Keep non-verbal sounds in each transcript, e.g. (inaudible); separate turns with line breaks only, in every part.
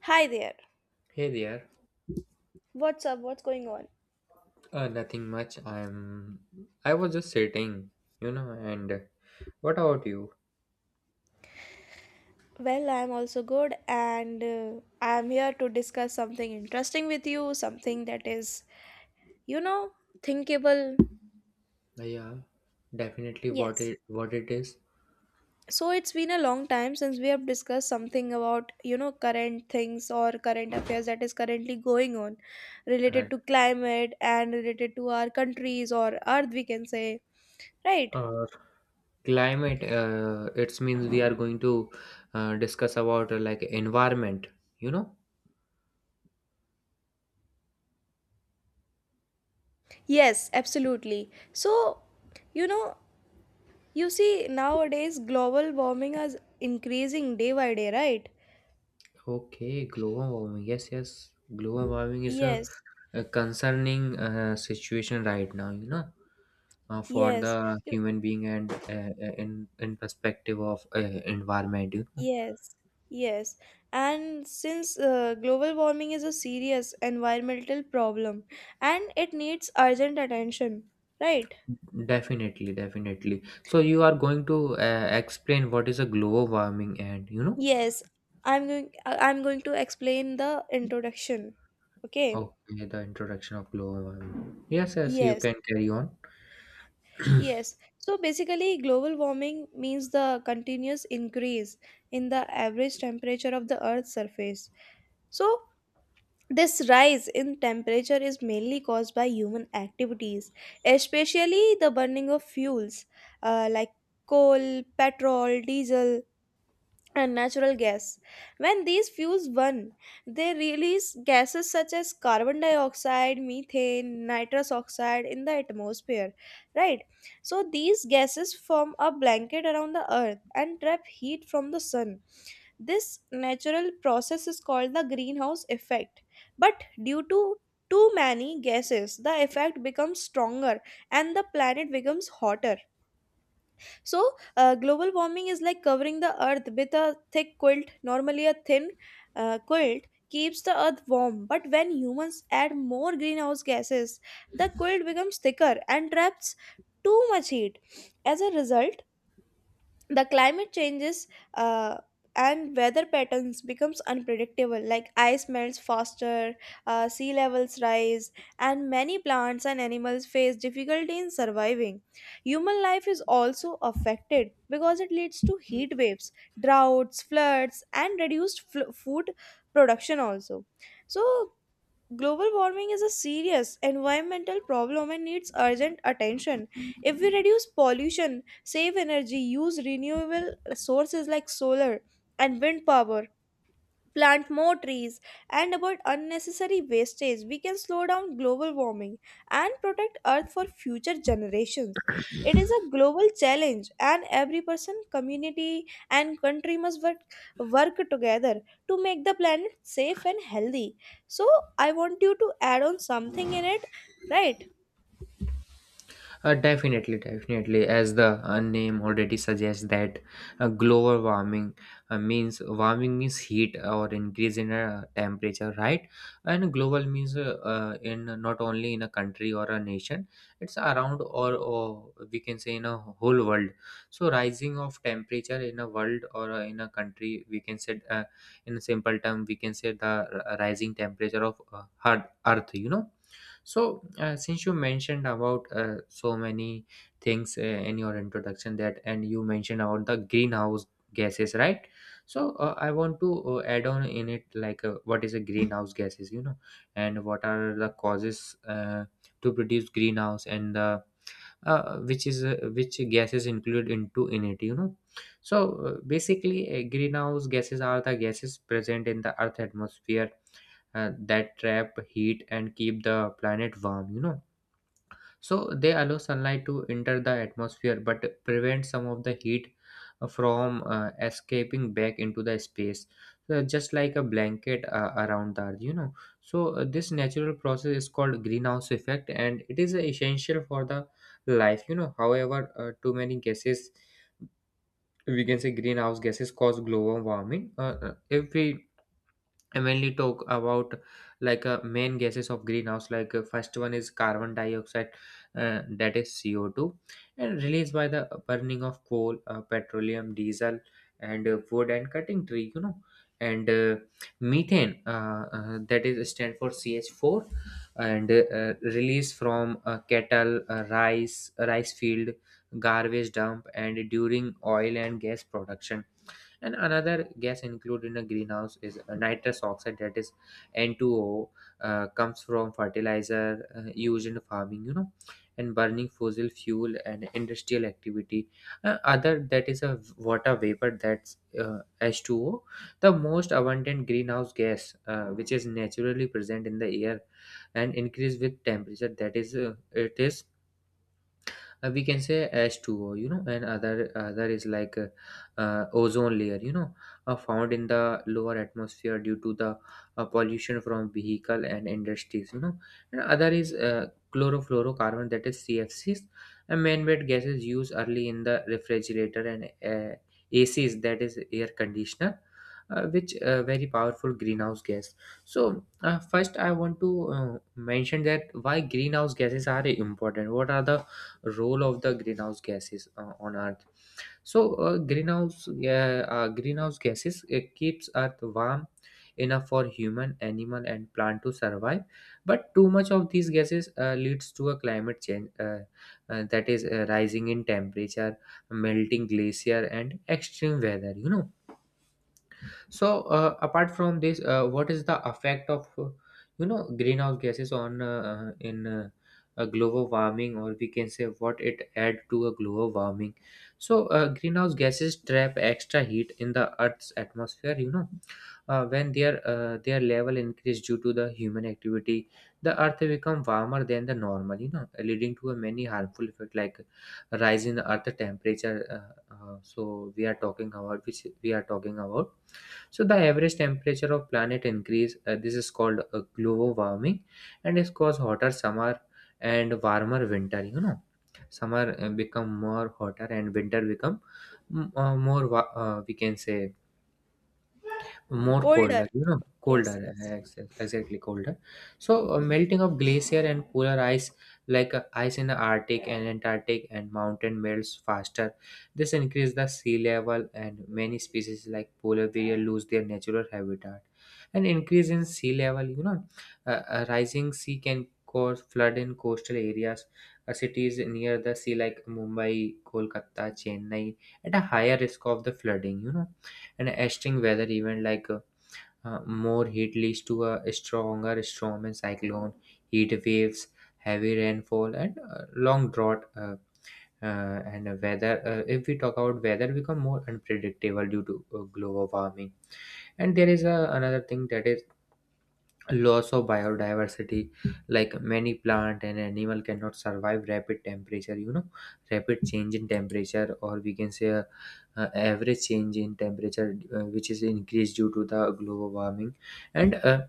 Hi there.
Hey there.
What's up? What's going on?
Nothing much. I was just sitting, And What about you?
Well, I'm also good, and I'm here to discuss something interesting with you, something that is, you know, thinkable.
Yeah, definitely. What
Yes.
it what it is.
So it's been a long time since we have discussed something about, current things or current affairs that is currently going on related
And
to climate and related to our countries or earth, we can say. Right.
uh, Climate. It means we are going to discuss about like environment. You know.
Yes, absolutely. So, you know, You see, nowadays global warming is increasing day by day, right?
Okay, global warming. Yes, yes. Global warming is a,
Yes,
a concerning situation right now. For
yes,
the
you-
human being and uh, in in perspective of environment, you know?
yes, yes. And since global warming is a serious environmental problem and it needs urgent attention, right?
Definitely, definitely. So you are going to explain what is a global warming and
Yes, I'm going to explain the introduction. Okay?
okay, the introduction of global warming. Yes, yes, you
Yes.
can carry on.
Yes. So basically global warming means the continuous increase in the average temperature of the earth's surface. So, this rise in temperature is mainly caused by human activities, especially the burning of fuels like coal, petrol, diesel, and natural gas. When these fuels burn, they release gases such as carbon dioxide, methane, nitrous oxide in the atmosphere, right? So, these gases form a blanket around the earth and trap heat from the sun. This natural process is called the greenhouse effect. But due to too many gases, the effect becomes stronger and the planet becomes hotter. So, global warming is like covering the earth with a thick quilt, normally a thin quilt. Keeps the earth warm, but when humans add more greenhouse gases, the quilt becomes thicker and traps too much heat. As a result, the climate changes uh, and weather patterns becomes unpredictable, like ice melts faster, sea levels rise, and many plants and animals face difficulty in surviving. Human life is also affected because it leads to heat waves, droughts, floods, and reduced food production also. So, global warming is a serious environmental problem and needs urgent attention. If we reduce pollution, save energy, use renewable sources like solar and wind power, plant more trees, and avoid unnecessary wastage, we can slow down global warming and protect Earth for future generations. It is a global challenge, and every person, community, and country must work together to make the planet safe and healthy. So, I want you to add on something in it, right?
Definitely, definitely. As the name already suggests, that global warming means warming means heat or increase in temperature, right? And global means in not only in a country or a nation, it's around or we can say in a whole world. So rising of temperature in a world or in a country, we can say in a simple term, we can say the rising temperature of hard earth. You know, so, since you mentioned about so many things in your introduction that, and you mentioned about the greenhouse gases, right? So, I want to add on in it like what is a greenhouse gases, you know, and what are the causes to produce greenhouse and the which is which gases included into in it, you know. So basically greenhouse gases are the gases present in the earth atmosphere that trap heat and keep the planet warm, you know. So they allow sunlight to enter the atmosphere but prevent some of the heat from escaping back into the space. So just like a blanket around the earth, you know. So this natural process is called greenhouse effect and it is essential for the life, you know. However, too many gases, we can say greenhouse gases, cause global warming. If we and when we talk about like main gases of greenhouse, like first one is carbon dioxide, that is CO2, and released by the burning of coal, petroleum, diesel, and wood, and cutting tree, you know. And methane, that is stand for CH4, and released from cattle, rice field, garbage dump, and during oil and gas production. And another gas included in a greenhouse is a nitrous oxide, that is N2O, comes from fertilizer used in farming, you know, and burning fossil fuel and industrial activity. Other, that is a water vapor, that's uh, H2O, the most abundant greenhouse gas, which is naturally present in the air and increase with temperature, that is it is we can say H2O, you know. And other is like ozone layer, you know, found in the lower atmosphere due to the pollution from vehicle and industries, you know. And other is chlorofluorocarbon, that is CFCs, and man-made gases used early in the refrigerator and ACs, that is air conditioner. Which very powerful greenhouse gas. So first I want to mention that why greenhouse gases are important, what are the role of the greenhouse gases on earth. So greenhouse gases, it keeps earth warm enough for human, animal, and plant to survive, but too much of these gases leads to a climate change, that is rising in temperature, melting glacier, and extreme weather, you know. So, apart from this, what is the effect of greenhouse gases on in a global warming, or we can say what it add to a global warming? So, greenhouse gases trap extra heat in the Earth's atmosphere. You know, when their level increase due to the human activity, the Earth become warmer than the normal. You know, leading to a many harmful effect like rise in earth temperature. So we are talking about, which we are talking about. So the average temperature of planet increase, this is called global warming, and it's cause hotter summer and warmer winter, you know. Summer become more hotter and winter become more we can say more colder,
Colder.
you know,
Yes,
colder,
yes.
exactly colder. So melting of glacier and polar ice, like ice in the arctic and antarctic and mountain melts faster. This increases the sea level and many species like polar bear lose their natural habitat. An increase in sea level, you know, a rising sea can cause flood in coastal areas. Cities near the sea like Mumbai, Kolkata, Chennai at a higher risk of the flooding, you know. An extreme weather event, like more heat leads to a stronger storm and cyclone, heat waves, heavy rainfall, and long drought. If we talk about weather, become more unpredictable due to global warming. And there is another thing, that is loss of biodiversity. Like many plant and animal cannot survive rapid temperature. You know, rapid change in temperature, or we can say average change in temperature, which is increased due to the global warming. And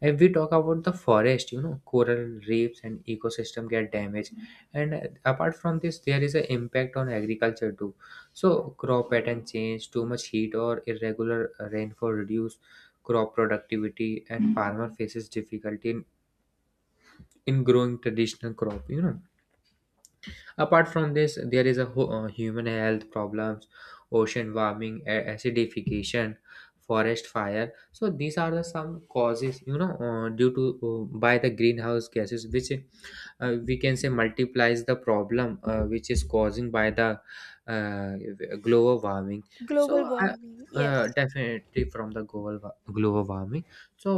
if we talk about the forest, you know, coral reefs and ecosystem get damaged. And apart from this, there is an impact on agriculture too. So crop pattern change, too much heat or irregular rainfall reduce crop productivity, and farmer faces difficulty in growing traditional crop, you know. Apart from this, there is a human health problems, ocean warming, acidification, forest fire. So these are the some causes, you know, due to by the greenhouse gases, which we can say multiplies the problem, which is causing by the uh, global warming.
Global
so I,
warming. Yes,
Definitely from the global warming. So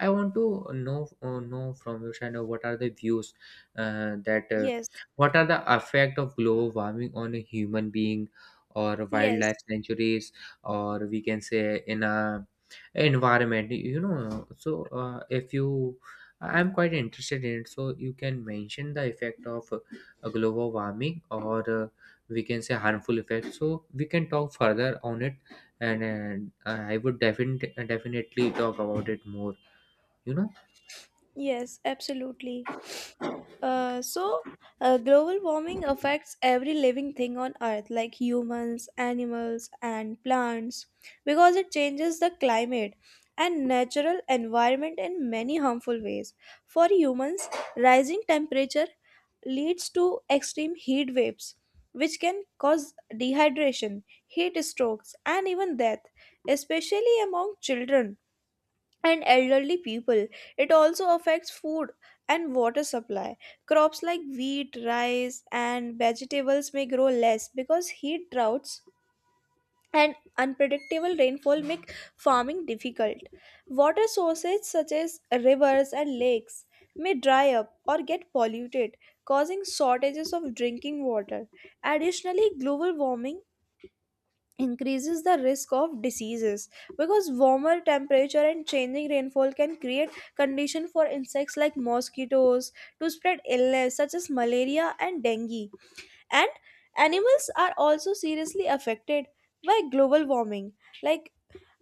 I want to know from you, Shana, what are the views that
yes,
what are the effect of global warming on a human being or wildlife
yes,
sanctuaries, or we can say in a environment, you know. So if you I'm quite interested in it. So you can mention the effect of global warming, or we can say harmful effect. So we can talk further on it, and I would definitely talk about it more. You know,
yes, absolutely. So, global warming affects every living thing on Earth, like humans, animals, and plants, because it changes the climate and natural environment in many harmful ways. For humans, rising temperature leads to extreme heat waves, which can cause dehydration, heat strokes, and even death, especially among children and elderly people. It also affects food and water supply. Crops like wheat, rice, and vegetables may grow less because heat droughts and unpredictable rainfall make farming difficult. Water sources such as rivers and lakes may dry up or get polluted, causing shortages of drinking water. Additionally, global warming increases the risk of diseases because warmer temperature and changing rainfall can create condition for insects like mosquitoes to spread illness such as malaria and dengue. And animals are also seriously affected by global warming, like,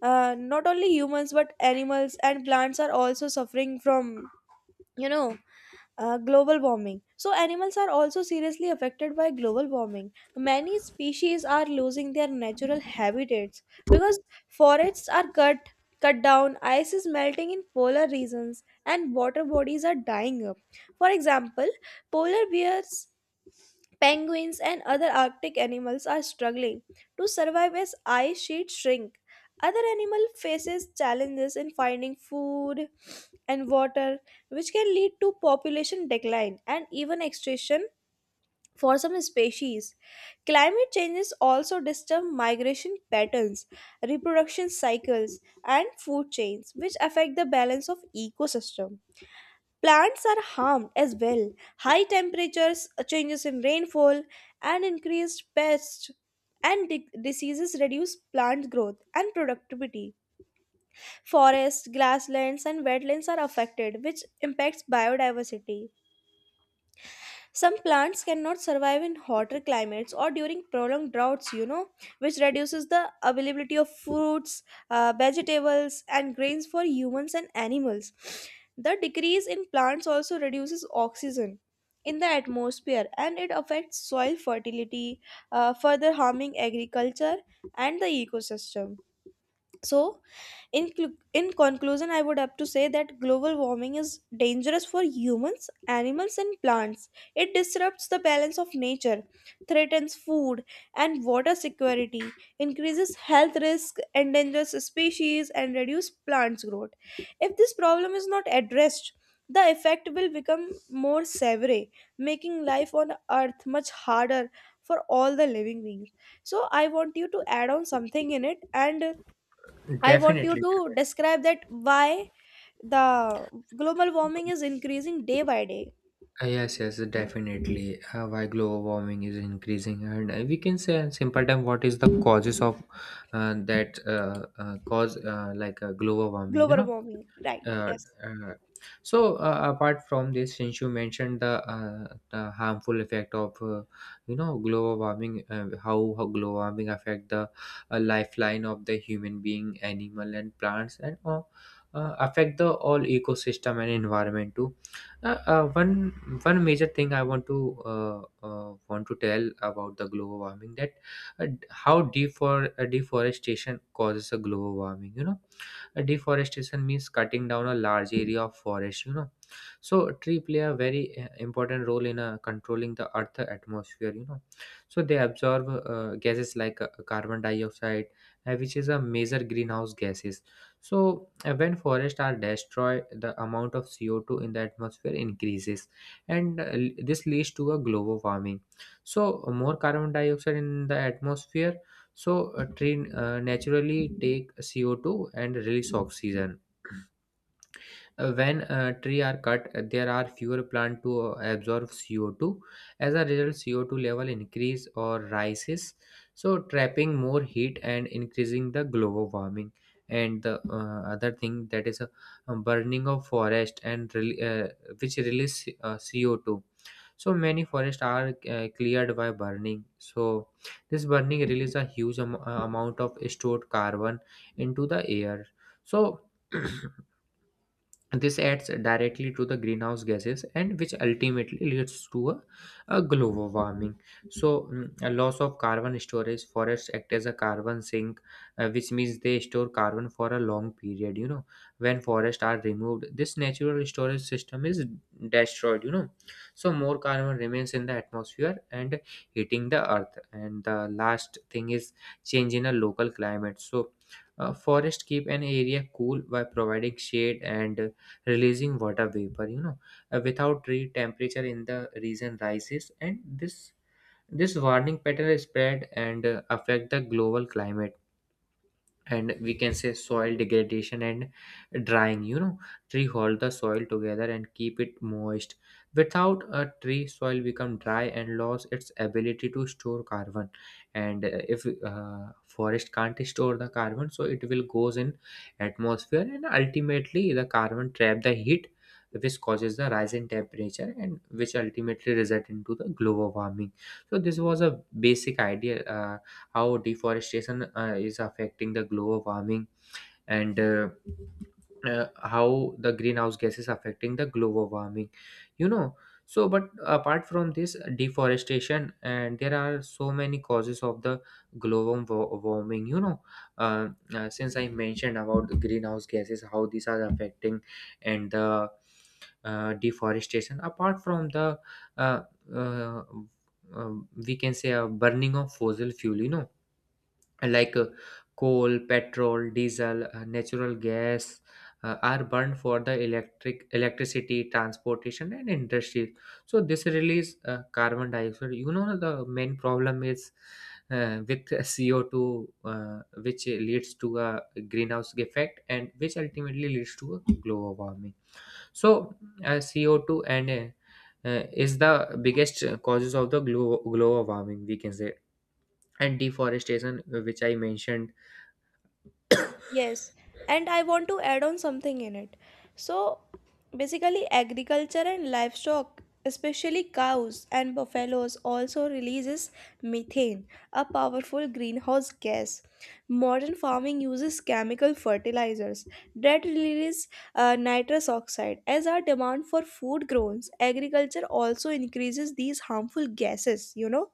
not only humans but animals and plants are also suffering from, you know global warming. So, animals are also seriously affected by global warming. Many species are losing their natural habitats because forests are cut down, ice is melting in polar regions, and water bodies are dying up. For example, polar bears, penguins, and other Arctic animals are struggling to survive as ice sheets shrink. Other animal faces challenges in finding food and water, which can lead to population decline and even extinction for some species. Climate changes also disturb migration patterns, reproduction cycles, and food chains, which affect the balance of ecosystem. Plants are harmed as well. High temperatures, changes in rainfall, and increased pests and diseases reduce plant growth and productivity. Forests, grasslands, and wetlands are affected, which impacts biodiversity. Some plants cannot survive in hotter climates or during prolonged droughts, which reduces the availability of fruits, vegetables, and grains for humans and animals. The decrease in plants also reduces oxygen in the atmosphere and it affects soil fertility, further harming agriculture and the ecosystem. So, in conclusion, I would have to say that global warming is dangerous for humans, animals, and plants. It disrupts the balance of nature, threatens food and water security, increases health risk, endangers species, and reduces plants' growth. If this problem is not addressed, the effect will become more severe, making life on Earth much harder for all the living beings. So, I want you to add on something in it, and I want you
Definitely, definitely.
to describe that why the global
Uh,
warming is increasing day by day.
Yes, yes, definitely. Why global warming is increasing, and we can say in simple term what is the causes of that cause like global warming.
Global warming, right?
Uh,
Yes.
uh, so apart from this, since you mentioned the harmful effect of global warming, how global warming affect the lifeline of the human being, animal, and plants, and affect the all ecosystem and environment too. One major thing I want to tell about the global warming, that how deforestation causes a global warming, you know. Deforestation means cutting down a large area of forest, you know. So tree play a very important role in controlling the earth atmosphere, you know. So they absorb gases like carbon dioxide, which is a major greenhouse gases. So when forests are destroyed, the amount of CO2 in the atmosphere increases, and this leads to a global warming. So more carbon dioxide in the atmosphere. So tree naturally take CO2 and release oxygen. When tree are cut, there are fewer plant to absorb CO2. As a result, CO2 level increase or rises, so trapping more heat and increasing the global warming. And the other thing, that is a burning of forest and which release CO2. So many forests are cleared by burning. So this burning releases a huge amount of stored carbon into the air. So (clears throat) this adds directly to the greenhouse gases, and which ultimately leads to a global warming. So, a loss of carbon storage, forests act as a carbon sink, which means they store carbon for a long period. You know, when forests are removed, this natural storage system is destroyed. You know, so more carbon remains in the atmosphere and heating the earth. And the last thing is change in a local climate. So, forests keep an area cool by providing shade and releasing water vapor. Without treat temperature in the region rises, and this warning pattern is spread and affect the global climate. And we can say soil degradation and drying. Tree hold the soil together and keep it moist. Without a tree, soil become dry and lose its ability to store carbon. And if forest can't store the carbon, so it will goes in atmosphere, and ultimately the carbon trap the heat, which causes the rise in temperature and which ultimately result into the global warming. So this was a basic idea how deforestation is affecting the global warming, and how the greenhouse gases affecting the global warming you know so but apart from this deforestation, and there are so many causes of the global warming. uh, since I mentioned about the greenhouse gases how these are affecting, and the deforestation apart from the uh, uh, uh, we can say a burning of fossil fuel, you know, like coal, petrol, diesel, natural gas are burned for the electricity, transportation, and industry. So this release carbon dioxide. You know the main problem is with CO2, which leads to a greenhouse effect, and which ultimately leads to a global warming. So CO2 and is the biggest causes of the global warming, we can say. And deforestation, which I mentioned.
Yes, and I want to add on something in it. So, basically, agriculture and livestock, especially cows and buffaloes, also releases methane, a powerful greenhouse gas. Modern farming uses chemical fertilizers that release nitrous oxide. As our demand for food grows, agriculture also increases these harmful gases,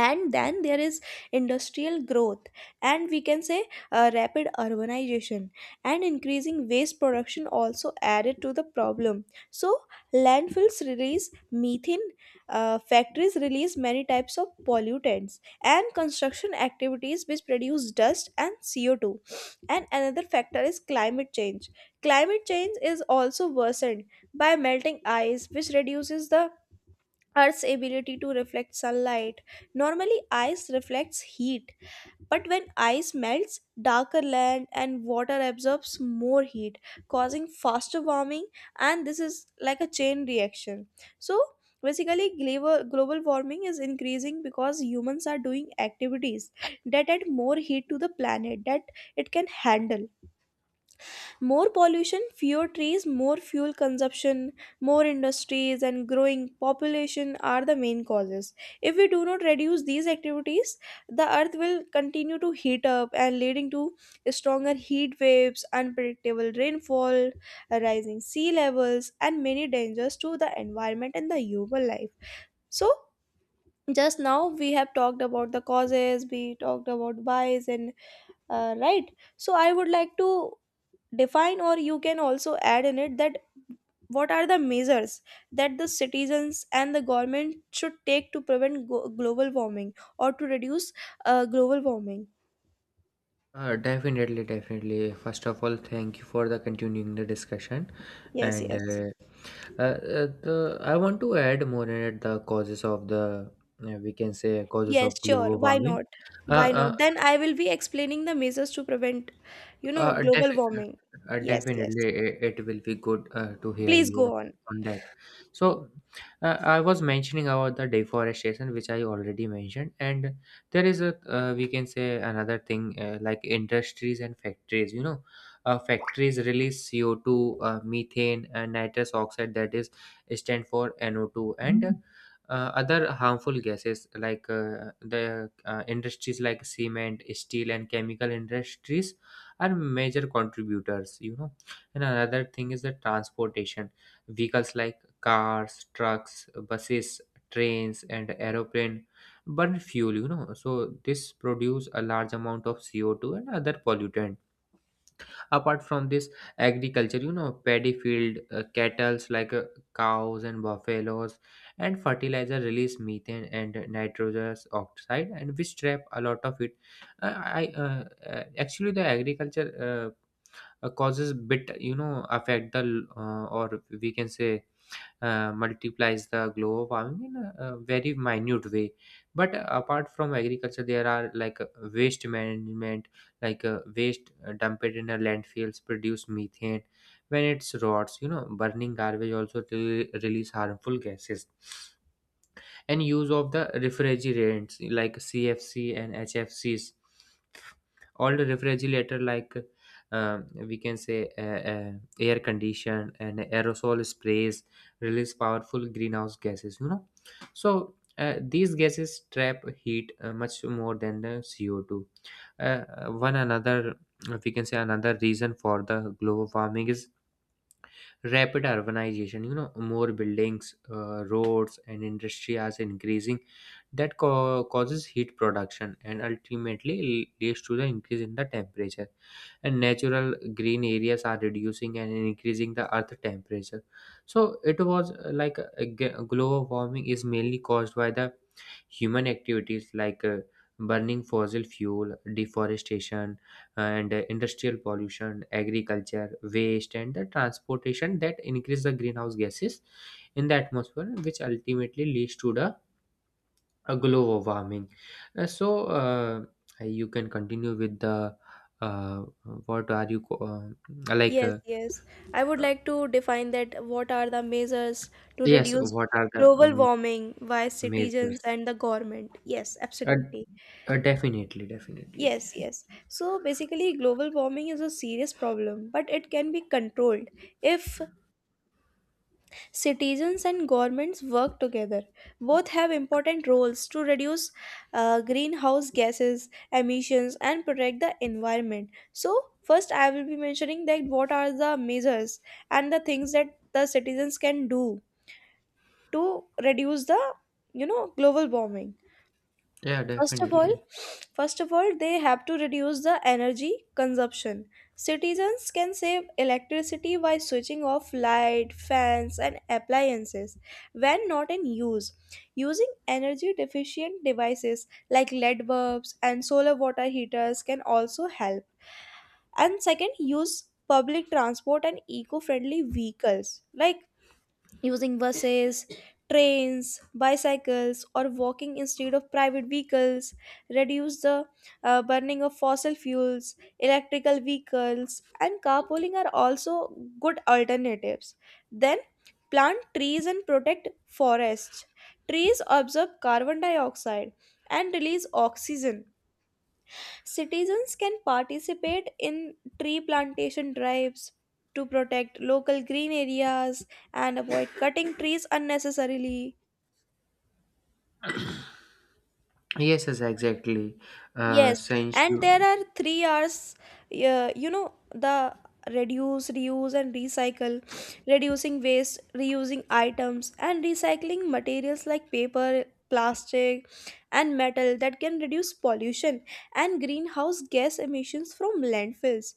and then there is industrial growth, and we can say rapid urbanization and increasing waste production also added to the problem. So, landfills release methane, factories release many types of pollutants, and construction activities which produce dust and CO2. And another factor is climate change. Climate change is also worsened by melting ice, which reduces the Earth's ability to reflect sunlight. Normally, ice reflects heat, but when ice melts, darker land and water absorbs more heat, causing faster warming, and this is like a chain reaction. So, basically, global warming is increasing because humans are doing activities that add more heat to the planet that it can handle. More pollution, fewer trees, more fuel consumption, more industries, and growing population are the main causes. If we do not reduce these activities, the earth will continue to heat up, and leading to stronger heat waves, unpredictable rainfall, rising sea levels, and many dangers to the environment and the human life. So, just now we have talked about the causes, we talked about whys, and right. So, I would like to define, or you can also add in it, that what are the measures that the citizens and the government should take to prevent global warming or to reduce global warming.
Definitely, definitely. First of all, thank you for the continuing the discussion.
Yes,
And
yes.
the, I want to add more in it the causes of the we can say causes
Yes,
of
sure,
global
why
warming.
not?
Uh,
Why
uh,
not? Then I will be explaining the measures to prevent,
Uh,
global
defi-
warming. Yes, yes,
Definitely, it will be good to hear
please
you on,
go on.
on that. So, I was mentioning about the deforestation, which I already mentioned. And there is a we can say another thing like industries and factories. You know, factories release CO2, methane, and nitrous oxide that is stand for NO2, and other harmful gases like the industries like cement, steel, and chemical industries are major contributors, you know. And another thing is the transportation: vehicles like cars, trucks, buses, trains, and aeroplane burn fuel, you know. So this produce a large amount of CO2 and other pollutant. Apart from this, agriculture, you know, paddy field, cattles like cows and buffaloes and fertilizer release methane and nitrogenous oxide and which trap a lot of it. Uh, I Actually the agriculture causes bit, you know, affect the or we can say multiplies the global warming in a very minute way. But apart from agriculture there are, like, waste management, like waste dumped in a landfills produce methane when it's rots, you know. Burning garbage also release harmful gases. And use of the refrigerants like CFC and HFCs, all the refrigerator, like we can say air condition and aerosol sprays, release powerful greenhouse gases, you know. So these gases trap heat much more than the CO2. uh, One another, we can say another reason for the global warming is rapid urbanization, you know. More buildings, roads and industry are increasing, that causes heat production and ultimately leads to the increase in the temperature, and natural green areas are reducing and increasing the earth temperature. So it was like global warming is mainly caused by the human activities like burning fossil fuel, deforestation, and industrial pollution, agriculture, waste, and the transportation that increase the greenhouse gases in the atmosphere, which ultimately leads to the global warming. So you can continue with the uh, what are you like?
Yes, yes, I would
Uh,
like to define that what are the measures to
yes,
reduce
what are the
global warming by
measures?
citizens and the government. Yes,
Uh,
absolutely.
Definitely, definitely.
Yes, yes. So basically, global warming is a serious problem, but it can be controlled if citizens and governments work together. Both have important roles to reduce greenhouse gases emissions and protect the environment. So, first, I will be mentioning that what are the measures and the things that the citizens can do to reduce the global warming.
Yeah,
First of all,
definitely.
first of all, they have to reduce the energy consumption. Citizens can save electricity by switching off light, fans, and appliances when not in use. Using energy deficient devices like LED bulbs and solar water heaters can also help. And second, use public transport and eco friendly vehicles, like using buses, trains, bicycles, or walking instead of private vehicles, reduce the burning of fossil fuels. Electrical vehicles and carpooling are also good alternatives. Then, plant trees and protect forests. Trees absorb carbon dioxide and release oxygen. Citizens can participate in tree plantation drives to protect local green areas and avoid (laughs) cutting trees unnecessarily.
Yes, yes, exactly.
Yes,
Since
and there
you
are three R's, the reduce, reuse, and recycle. Reducing waste, reusing items, and recycling materials like paper, plastic, and metal that can reduce pollution and greenhouse gas emissions from landfills.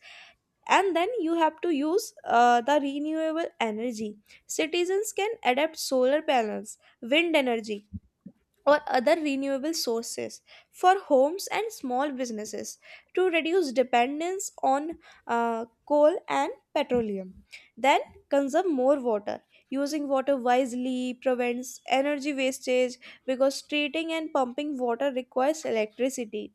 And then you have to use the renewable energy. Citizens can adapt solar panels, wind energy, or other renewable sources for homes and small businesses to reduce dependence on coal and petroleum. Then, consume more water. Using water wisely prevents energy wastage because treating and pumping water requires electricity.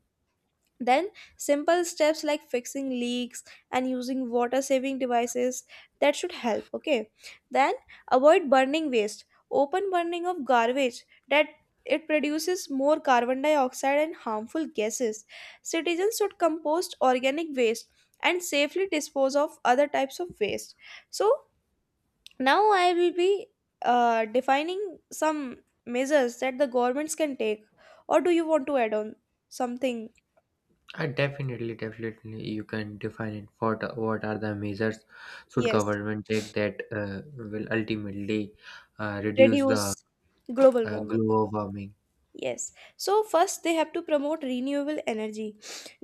Then, simple steps like fixing leaks and using water saving devices that should help. Okay, then avoid burning waste. Open burning of garbage, that it produces more carbon dioxide and harmful gases. Citizens should compost organic waste and safely dispose of other types of waste. So, now I will be defining some measures that the governments can take. Or do you want to add on something?
I definitely, definitely, you can define it. What are the measures should
Yes.
government take that will ultimately reduce the
Reduce global warming.
global warming?
Yes, so first they have to promote renewable energy.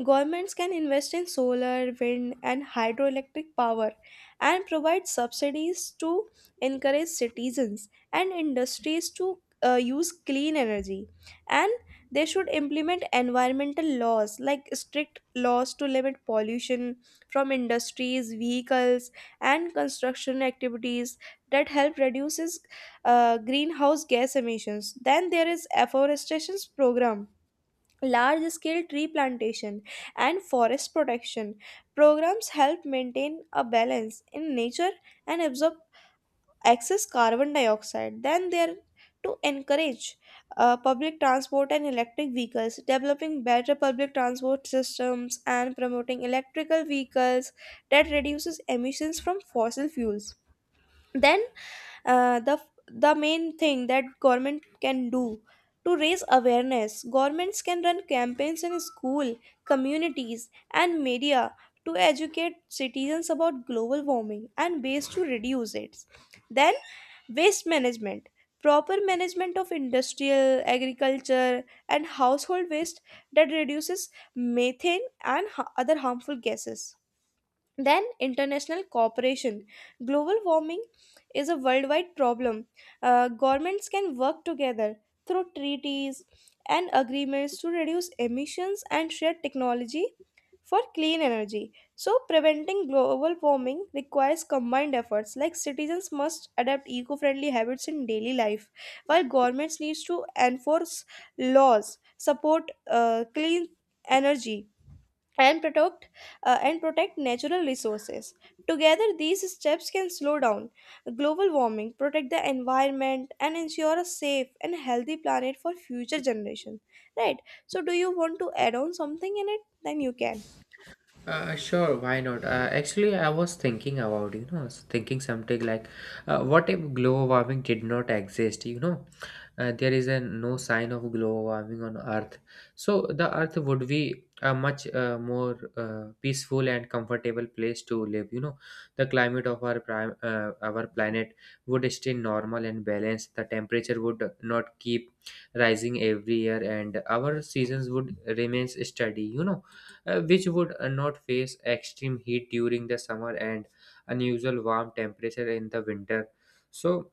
Governments can invest in solar, wind, and hydroelectric power and provide subsidies to encourage citizens and industries to use clean energy. And they should implement environmental laws, like strict laws to limit pollution from industries, vehicles, and construction activities, that help reduces greenhouse gas emissions. Then there is afforestation program, large scale tree plantation, and forest protection. Programs help maintain a balance in nature and absorb excess carbon dioxide. Then, there to encourage public transport and electric vehicles, developing better public transport systems and promoting electrical vehicles that reduces emissions from fossil fuels. Then, uh, the the main thing that government can do to raise awareness, governments can run campaigns in school, communities, and media to educate citizens about global warming and ways to reduce it. Then, waste management, proper management of industrial, agriculture, and household waste that reduces methane and other harmful gases. Then, international cooperation. Global warming is a worldwide problem. Governments can work together through treaties and agreements to reduce emissions and share technology for clean energy. So, preventing global warming requires combined efforts, like citizens must adapt eco friendly habits in daily life, while governments need to enforce laws, support clean energy, and protect natural resources. Together these steps can slow down global warming, protect the environment, and ensure a safe and healthy planet for future generations, right? So, do you want to add on something in it? Then you can.
Sure, why not? Actually, I was thinking about, you know, I was thinking something like, what if global warming did not exist? You know, there is a no sign of global warming on Earth, so the Earth would be a much more peaceful and comfortable place to live. You know, the climate of our prime, our planet would stay normal and balanced. The temperature would not keep rising every year, and our seasons would remain steady. You know which would not face extreme heat during the summer and unusual warm temperature in the winter. So,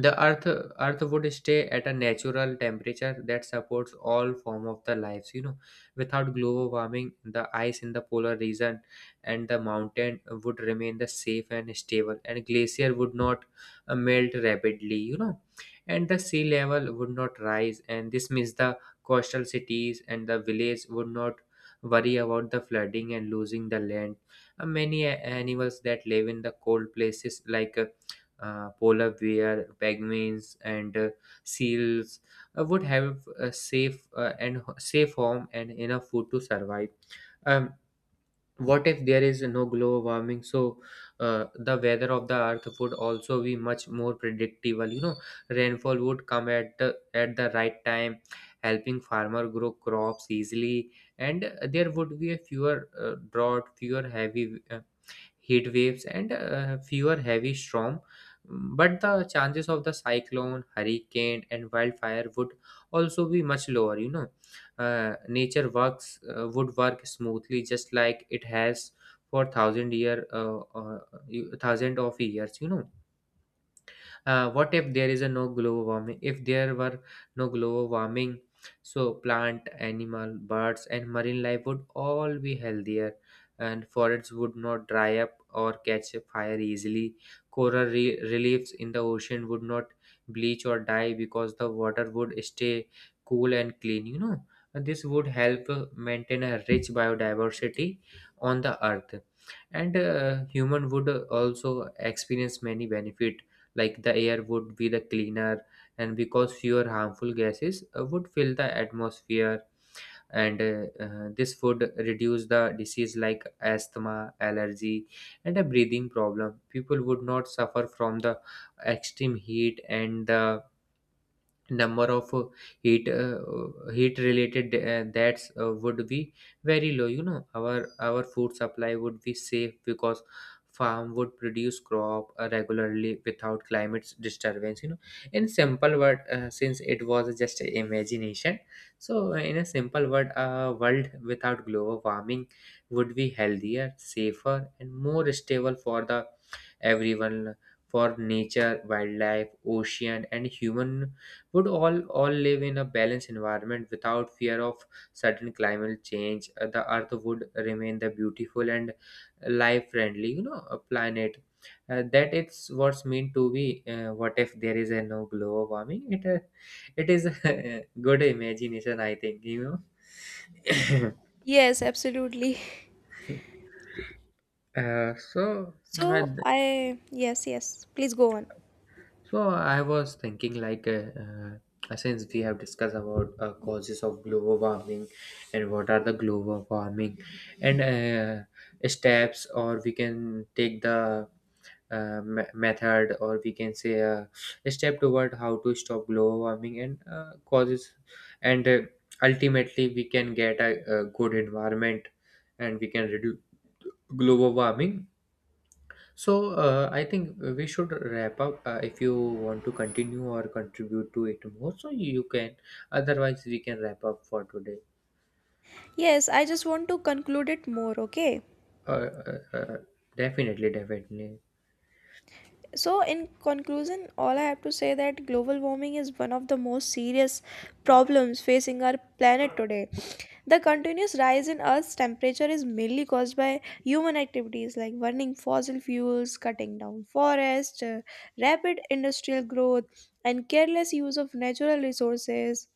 the earth would stay at a natural temperature that supports all form of the lives, you know. Without global warming, the ice in the polar region and the mountain would remain the safe and stable, and glacier would not melt rapidly, you know. And the sea level would not rise, and this means the coastal cities and the village would not worry about the flooding and losing the land. Many animals that live in the cold places like polar bear, penguins, and seals would have a safe and safe home and enough food to survive. Um, what if there is no global warming? So the weather of the earth would also be much more predictable. You know, rainfall would come at the right time, helping farmer grow crops easily, and there would be a fewer drought, fewer heavy, heat waves, and fewer heavy storm. But the chances of the cyclone, hurricane, and wildfire would also be much lower. You know, nature works would work smoothly, just like it has for thousand year, thousand of years. You know what if there is a no global warming? If there were no global warming, so plant, animal, birds, and marine life would all be healthier, and forests would not dry up or catch fire easily. Coral reliefs in the ocean would not bleach or die because the water would stay cool and clean. You know, and this would help maintain a rich biodiversity on the earth. And human would also experience many benefit, like the air would be the cleaner, and because fewer harmful gases would fill the atmosphere. And this would reduce the disease like asthma, allergy, and a breathing problem. People would not suffer from the extreme heat, and the number of heat uh, heat related deaths would be very low. Our food supply would be safe because farm would produce crop regularly without climate disturbance. In simple word, since it was just a imagination, so in a simple word a world without global warming would be healthier, safer, and more stable for the everyone. For nature, wildlife, ocean and human would all live in a balanced environment without fear of sudden climate change. The earth would remain the beautiful and life friendly, you know, a planet that it's what's meant to be. What if there is a no global warming? It is (laughs) a good imagination, I think, you know (coughs)
Yes, absolutely.
uh, so uh,
So I Yes, yes, please go on.
So I was thinking, like, since we have discussed about causes of global warming and what are the global warming and steps, or we can take the method, or we can say a step toward how to stop global warming and causes, and ultimately we can get a good environment, and we can reduce global warming. So, I think we should wrap up. If you want to continue or contribute to it more, so you can. Otherwise, we can wrap up for today.
Yes, I just want to conclude it more, okay?
Uh, uh, uh, Definitely, definitely,
So, in conclusion, all I have to say that global warming is one of the most serious problems facing our planet today. The continuous rise in Earth's temperature is mainly caused by human activities like burning fossil fuels, cutting down forests, rapid industrial growth, and careless use of natural resources.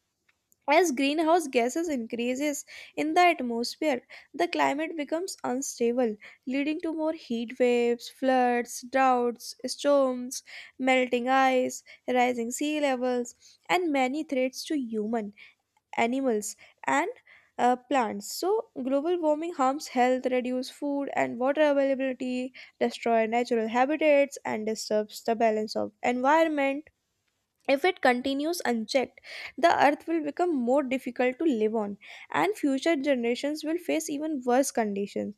As greenhouse gases increases in the atmosphere, the climate becomes unstable, leading to more heat waves, floods, droughts, storms, melting ice, rising sea levels, and many threats to human, animals, and plants. So, global warming harms health, reduce food and water availability, destroy natural habitats, and disturbs the balance of environment. If it continues unchecked, the earth will become more difficult to live on, and future generations will face even worse conditions.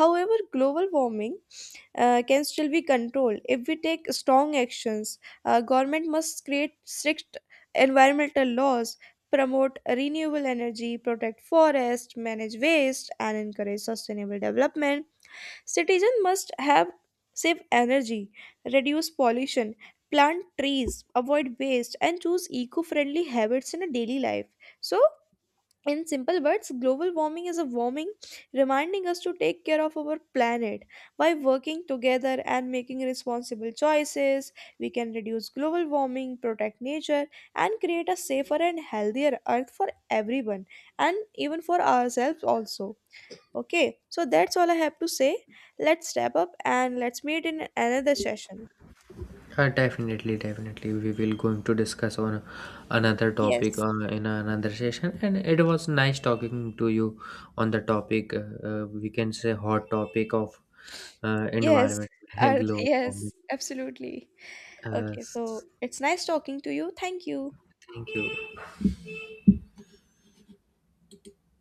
However, global warming can still be controlled if we take strong actions. Government must create strict environmental laws, promote renewable energy, protect forests, manage waste, and encourage sustainable development. Citizens must have save energy, reduce pollution, plant trees, avoid waste, and choose eco-friendly habits in a daily life. So, in simple words, global warming is a warming reminding us to take care of our planet. By working together and making responsible choices, we can reduce global warming, protect nature, and create a safer and healthier earth for everyone and even for ourselves also. Okay, so that's all I have to say. Let's wrap up and let's meet in another session.
definitely, definitely. We will going to discuss on another topic
Yes,
in another session. And it was nice talking to you on the topic. We can say hot topic of
yes,
environment
(laughs)
(laughs) and
earth,
global
yes,
warming.
absolutely.
Uh,
Okay, so
s-
it's nice talking to you. Thank you.
Thank you.